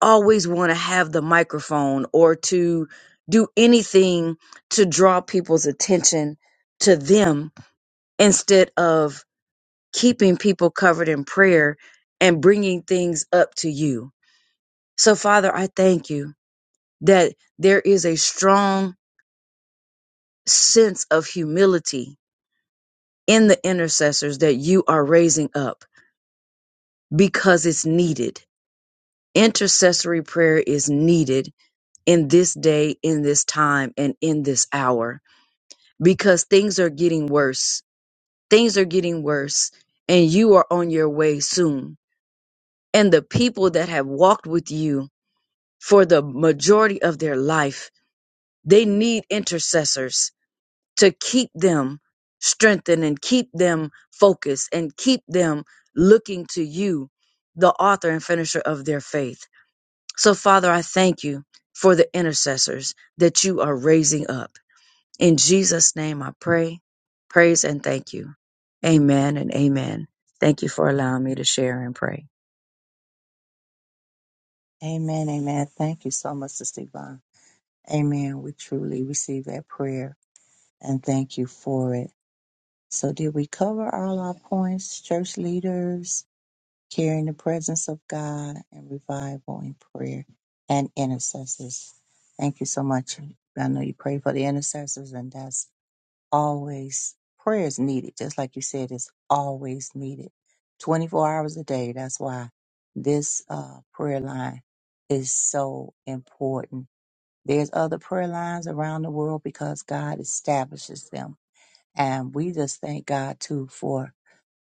C: always want to have the microphone or to do anything to draw people's attention to them instead of keeping people covered in prayer and bringing things up to you. So, Father, I thank you that there is a strong sense of humility in the intercessors that you are raising up because it's needed. Intercessory prayer is needed in this day, in this time, and in this hour because things are getting worse. Things are getting worse, and you are on your way soon. And the people that have walked with you for the majority of their life. They need intercessors to keep them strengthened and keep them focused and keep them looking to you, the author and finisher of their faith. So, Father, I thank you for the intercessors that you are raising up. In Jesus' name, I pray, praise, and thank you. Amen and amen. Thank you for allowing me to share and pray.
D: Amen, amen. Thank you so much, Sister Yvonne. Amen. We truly receive that prayer and thank you for it. So did we cover all our points, church leaders, carrying the presence of God and revival in prayer and intercessors? Thank you so much. I know you pray for the intercessors and that's always prayer is needed. Just like you said, it's always needed 24 hours a day. That's why this uh, prayer line is so important. There's other prayer lines around the world because God establishes them and we just thank God too for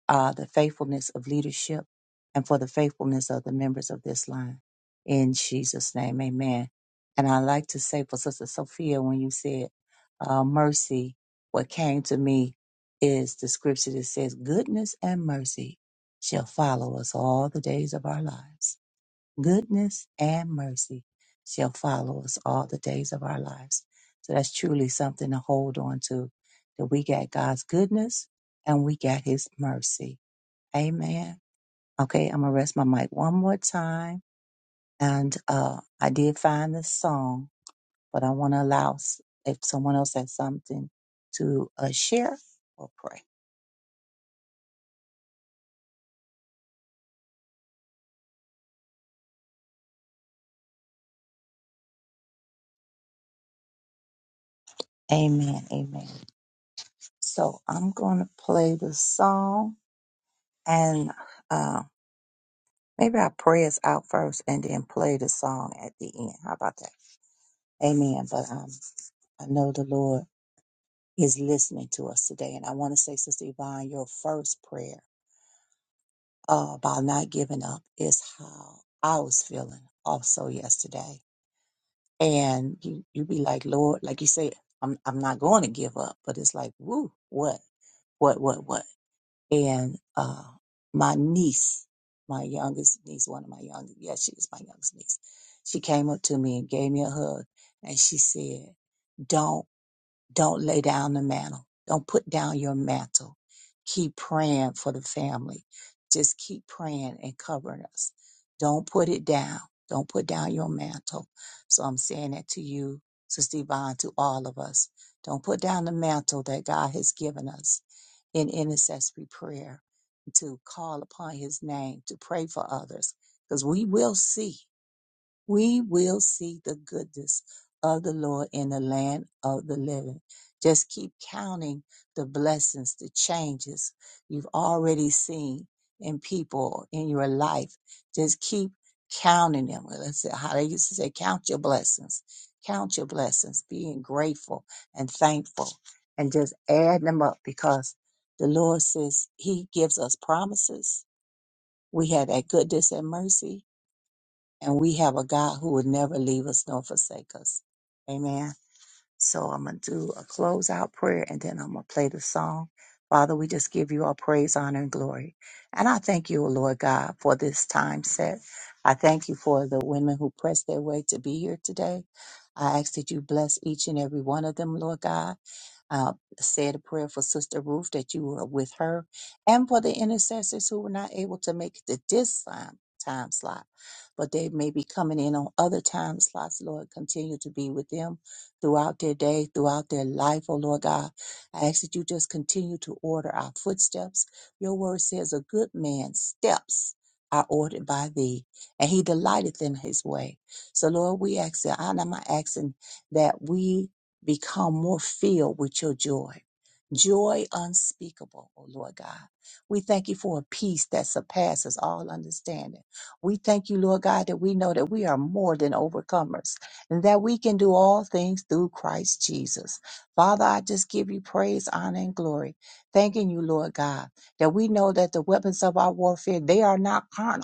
D: uh, the faithfulness of leadership and for the faithfulness of the members of this line. In Jesus' name, amen. And I like to say for Sister Sophia, when you said uh, mercy, what came to me is the scripture that says, Goodness and mercy shall follow us all the days of our lives goodness and mercy shall follow us all the days of our lives. So that's truly something to hold on to that we got God's goodness and we got his mercy. Amen. Okay, I'm gonna rest my mic one more time. And uh I did find this song, but I want to allow s- if someone else has something to uh, share or pray. Amen. Amen. So I'm gonna play the song and uh, Maybe I'll pray us out first and then play the song at the end. How about that? Amen. But um, I know the Lord is listening to us today. And I want to say, Sister Yvonne, your first prayer uh, about not giving up is how I was feeling also yesterday. And you, you be like, Lord, like you say, I'm, I'm not going to give up. But it's like, woo, what, what, what, what? and uh, my niece, my youngest niece, one of my youngest, yeah, she was my youngest niece. She came up to me and gave me a hug, and she said, "Don't." Don't lay down the mantle. Don't put down your mantle. Keep praying for the family. Just keep praying and covering us. Don't put it down. Don't put down your mantle. So I'm saying that to you, Sister Yvonne, to all of us. Don't put down the mantle that God has given us in intercessory prayer, to call upon his name, to pray for others, because we will see we will see the goodness of the Lord in the land of the living. Just keep counting the blessings, the changes you've already seen in people in your life. Just keep counting them. Let's say how they used to say, count your blessings, count your blessings, being grateful and thankful, and just add them up because the Lord says He gives us promises. We have that goodness and mercy and we have a God who would never leave us nor forsake us. Amen. So I'm going to do a close out prayer and then I'm going to play the song. Father, we just give you our praise, honor, and glory. And I thank you, O Lord God, for this time set. I thank you for the women who pressed their way to be here today. I ask that you bless each and every one of them, Lord God uh, said a prayer for Sister Ruth that you were with her and for the intercessors who were not able to make it to this time, time slot, but they may be coming in on other time slots. Lord, continue to be with them throughout their day, throughout their life, oh Lord God. I ask that you just continue to order our footsteps. Your word says a good man's steps are ordered by thee, and he delighteth in his way. So Lord, we ask that and I'm asking that we become more filled with your joy. Joy unspeakable, O Lord God. We thank you for a peace that surpasses all understanding. We thank you, Lord God, that we know that we are more than overcomers and that we can do all things through Christ Jesus. Father, I just give you praise, honor, and glory. Thanking you, Lord God, that we know that the weapons of our warfare, they are not carnal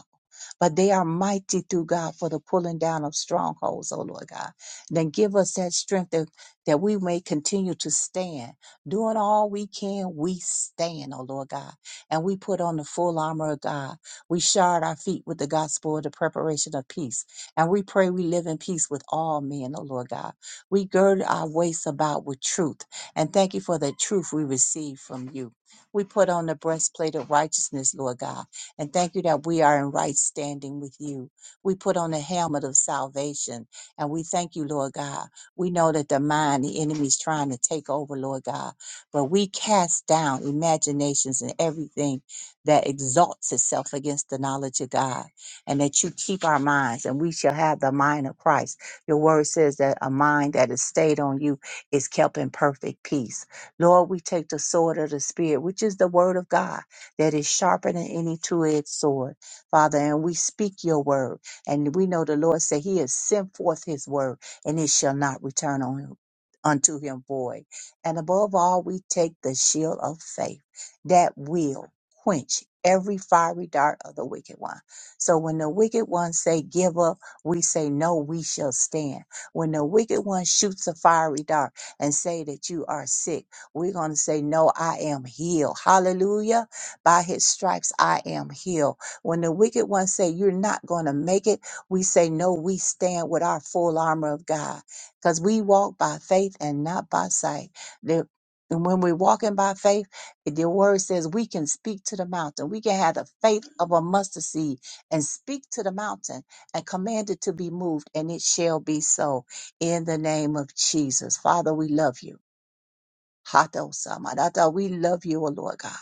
D: but they are mighty through God for the pulling down of strongholds, oh Lord God. Then give us that strength that, that we may continue to stand. Doing all we can, we stand, oh Lord God. And we put on the full armor of God. We shod our feet with the gospel of the preparation of peace. And we pray we live in peace with all men, oh Lord God. We gird our waist about with truth. And thank you for the truth we receive from you. We put on the breastplate of righteousness, Lord God and thank you that we are in right standing with you. We put on the helmet of salvation and we thank you, Lord God. We know that the mind, the enemy is trying to take over, Lord God. But we cast down imaginations and everything that exalts itself against the knowledge of God. And that you keep our minds and we shall have the mind of Christ. Your word says that a mind that is stayed on you is kept in perfect peace. Lord, we take the sword of the Spirit, which is the word of God that is sharper than any two-edged sword, Father. And we speak your word. And we know the Lord said he has sent forth his word and it shall not return on him. Unto him void. And above all, we take the shield of faith that will quench every fiery dart of the wicked one. So when the wicked one say give up, we say no, we shall stand. When the wicked one shoots a fiery dart and say that you are sick, we're going to say no, I am healed. Hallelujah by his stripes I am healed. When the wicked ones say you're not going to make it, we say no, we stand with our full armor of God because we walk by faith and not by sight. The- and when we're walking by faith, the word says we can speak to the mountain. We can have the faith of a mustard seed and speak to the mountain and command it to be moved, and it shall be so in the name of Jesus. Father, we love you. Hato Samadata, we love you, O Lord God.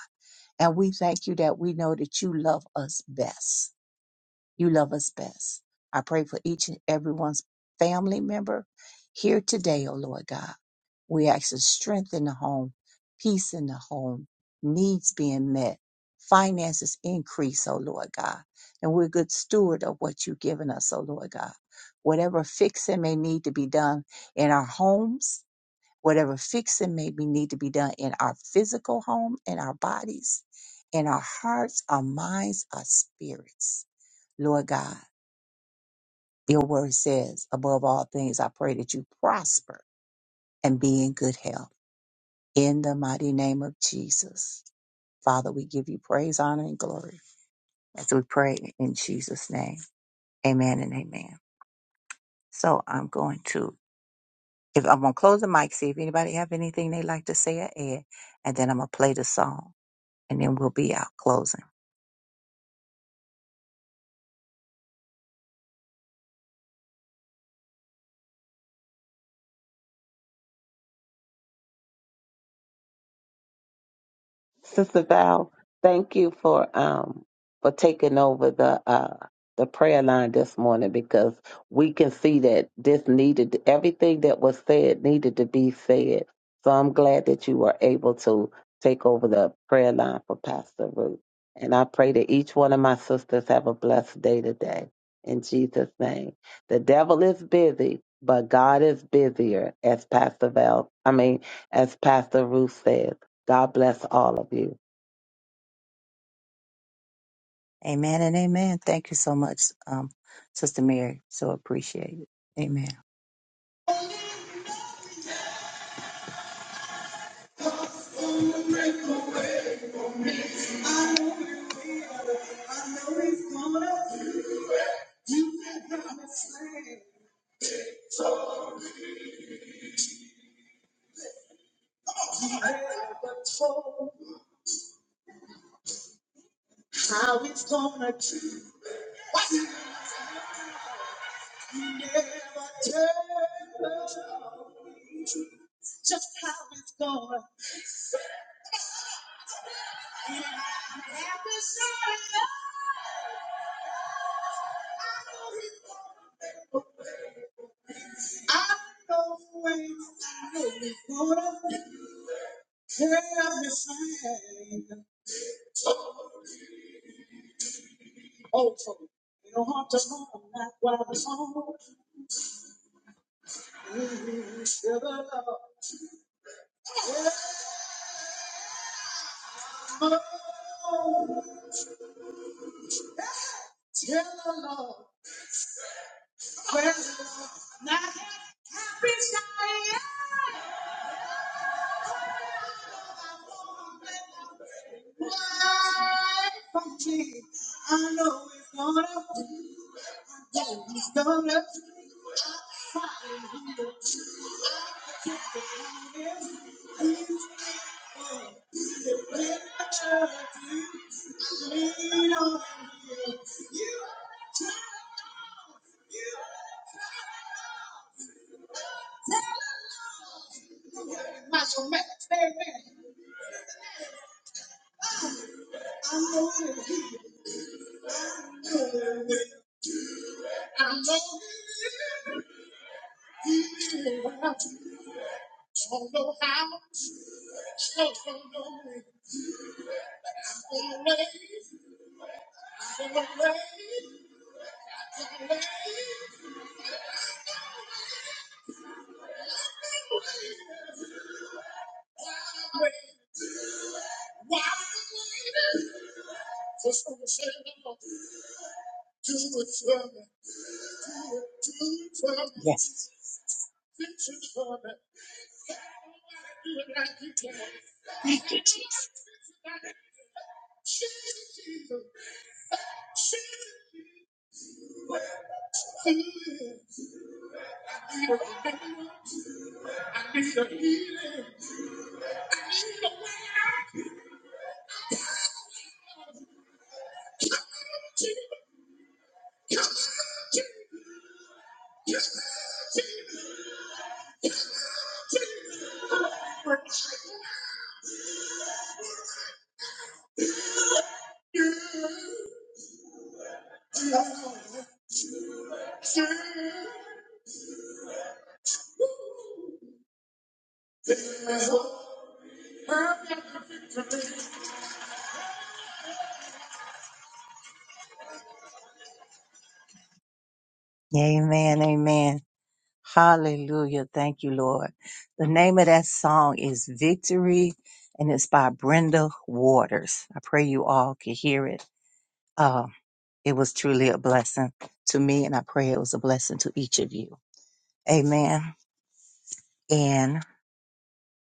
D: And we thank you that we know that you love us best. You love us best. I pray for each and everyone's family member here today, O Lord God. We ask for strength in the home, peace in the home, needs being met, finances increase, O Lord God. And we're good steward of what you've given us, O Lord God. Whatever fixing may need to be done in our homes, Whatever fixing may be need to be done in our physical home, in our bodies, in our hearts, our minds, our spirits. Lord God, your word says, above all things, I pray that you prosper and be in good health. In the mighty name of Jesus. Father, we give you praise, honor, and glory as we pray in Jesus' name. Amen and amen. So I'm going to, if I'm going to close the mic, see if anybody have anything they like to say or add, and then I'm going to play the song. and then we'll be out closing.
B: Sister Val, thank you for um for taking over the uh the prayer line this morning because we can see that this needed everything that was said needed to be said. So I'm glad that you were able to take over the prayer line for Pastor Ruth. And I pray that each one of my sisters have a blessed day today. In Jesus' name. The devil is busy, but God is busier, as Pastor Val, I mean, as Pastor Ruth says. God bless all of you.
D: Amen and amen. Thank you so much, um, Sister Mary. So appreciate it. Amen. I know he's gonna do it. You have not seen So you never told how he's gonna do it. You never tell just how it's gonna. And I'm happy, so I know he's gonna. do it. I know when I would have turned aside. Oh, Tony, you don't have to run, not while the song is still the love. Yeah. Oh, tell the Lord, well, now happy I am. I know it's gonna, yeah, it's gonna be a church. You Lean on you. You might as well make it stay there. I know it. I know it. I Don't know how. I Don't know when. Don't know when. Yes. Thank you, Jesus. Amen. Amen. Hallelujah. Thank you, Lord. The name of that song is Victory, and it's by Brenda Waters. I pray you all can hear it. Uh, it was truly a blessing to me, and I pray it was a blessing to each of you. Amen. And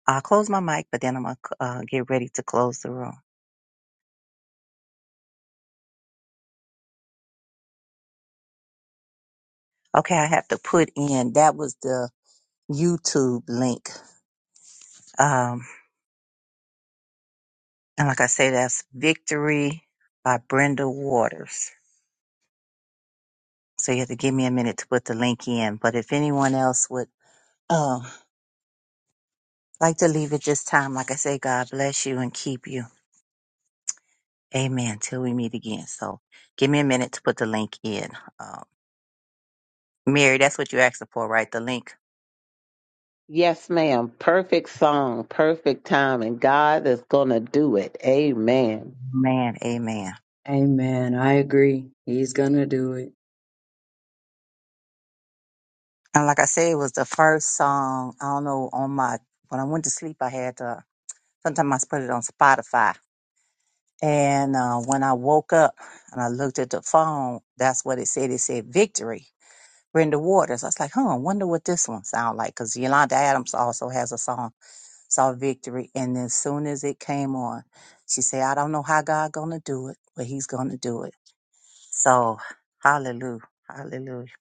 D: I'll close my mic, but then I'm going to uh, get ready to close the room. Okay, I have to put in that was the YouTube link. Um, and like I say, that's Victory by Brenda Waters. So you have to give me a minute to put the link in. But if anyone else would um, like to leave at this time, like I say, God bless you and keep you. Amen. Till we meet again. So give me a minute to put the link in. Um, Mary, that's what you asked for, right? The link.
B: Yes, ma'am. Perfect song, perfect time, and God is going to do it. Amen.
D: Man, amen.
C: Amen. I agree. He's going to do it.
D: And like I said, it was the first song. I don't know on my when I went to sleep, I had uh, sometimes I put it on Spotify. And uh, when I woke up and I looked at the phone, that's what it said. It said victory. Brenda Waters. I was like, huh, I wonder what this one sound like. Because Yolanda Adams also has a song, Saw Victory. And as soon as it came on, she said, I don't know how God gonna do it, but he's gonna do it. So hallelujah. Hallelujah.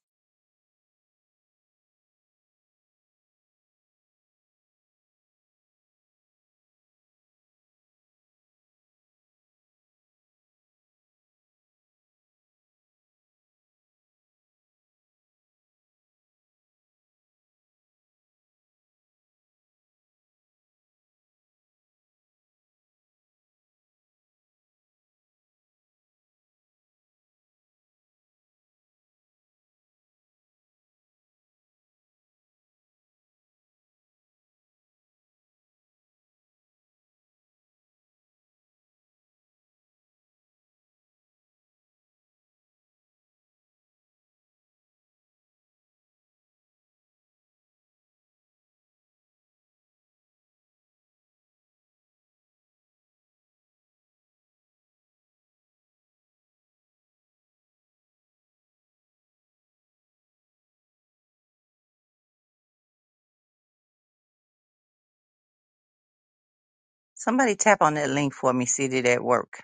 D: Somebody tap on that link for me, see did that work.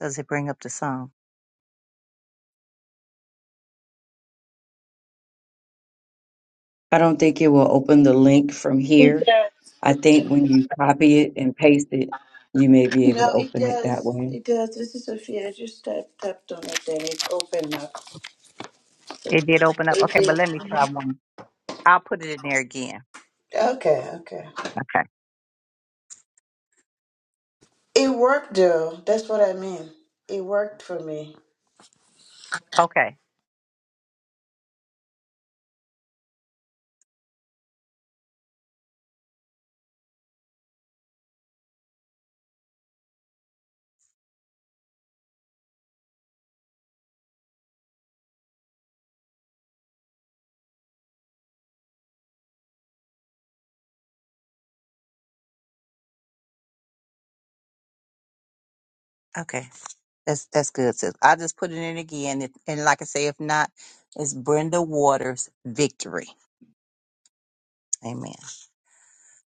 D: Does it bring up the song?
C: I don't think it will open the link from
E: It
C: here.
E: does.
C: I
E: It does.
C: think when you copy it and paste it, you may be able to
E: No, it
C: open it that
E: does.
C: way.
E: It does. This is Sophia. I just tapped, tapped on it and it opened up.
D: It did open up.
E: It
D: Okay, but
E: did.
D: let me try one. I'll put it in there again.
E: Okay, okay.
D: Okay.
E: It worked though. That's what I mean. It worked for me.
D: Okay. Okay. That's that's good, sis. I'll just put it in again. If, and like I say, if not, it's Brenda Waters victory. Amen.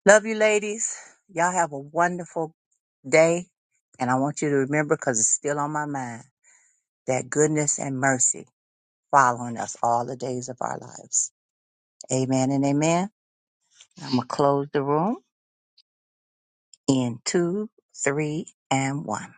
D: Love you, ladies. Y'all have a wonderful day. And I want you to remember, because it's still on my mind, that goodness and mercy following us all the days of our lives. Amen and amen. I'm going to close the room in two, three, and one.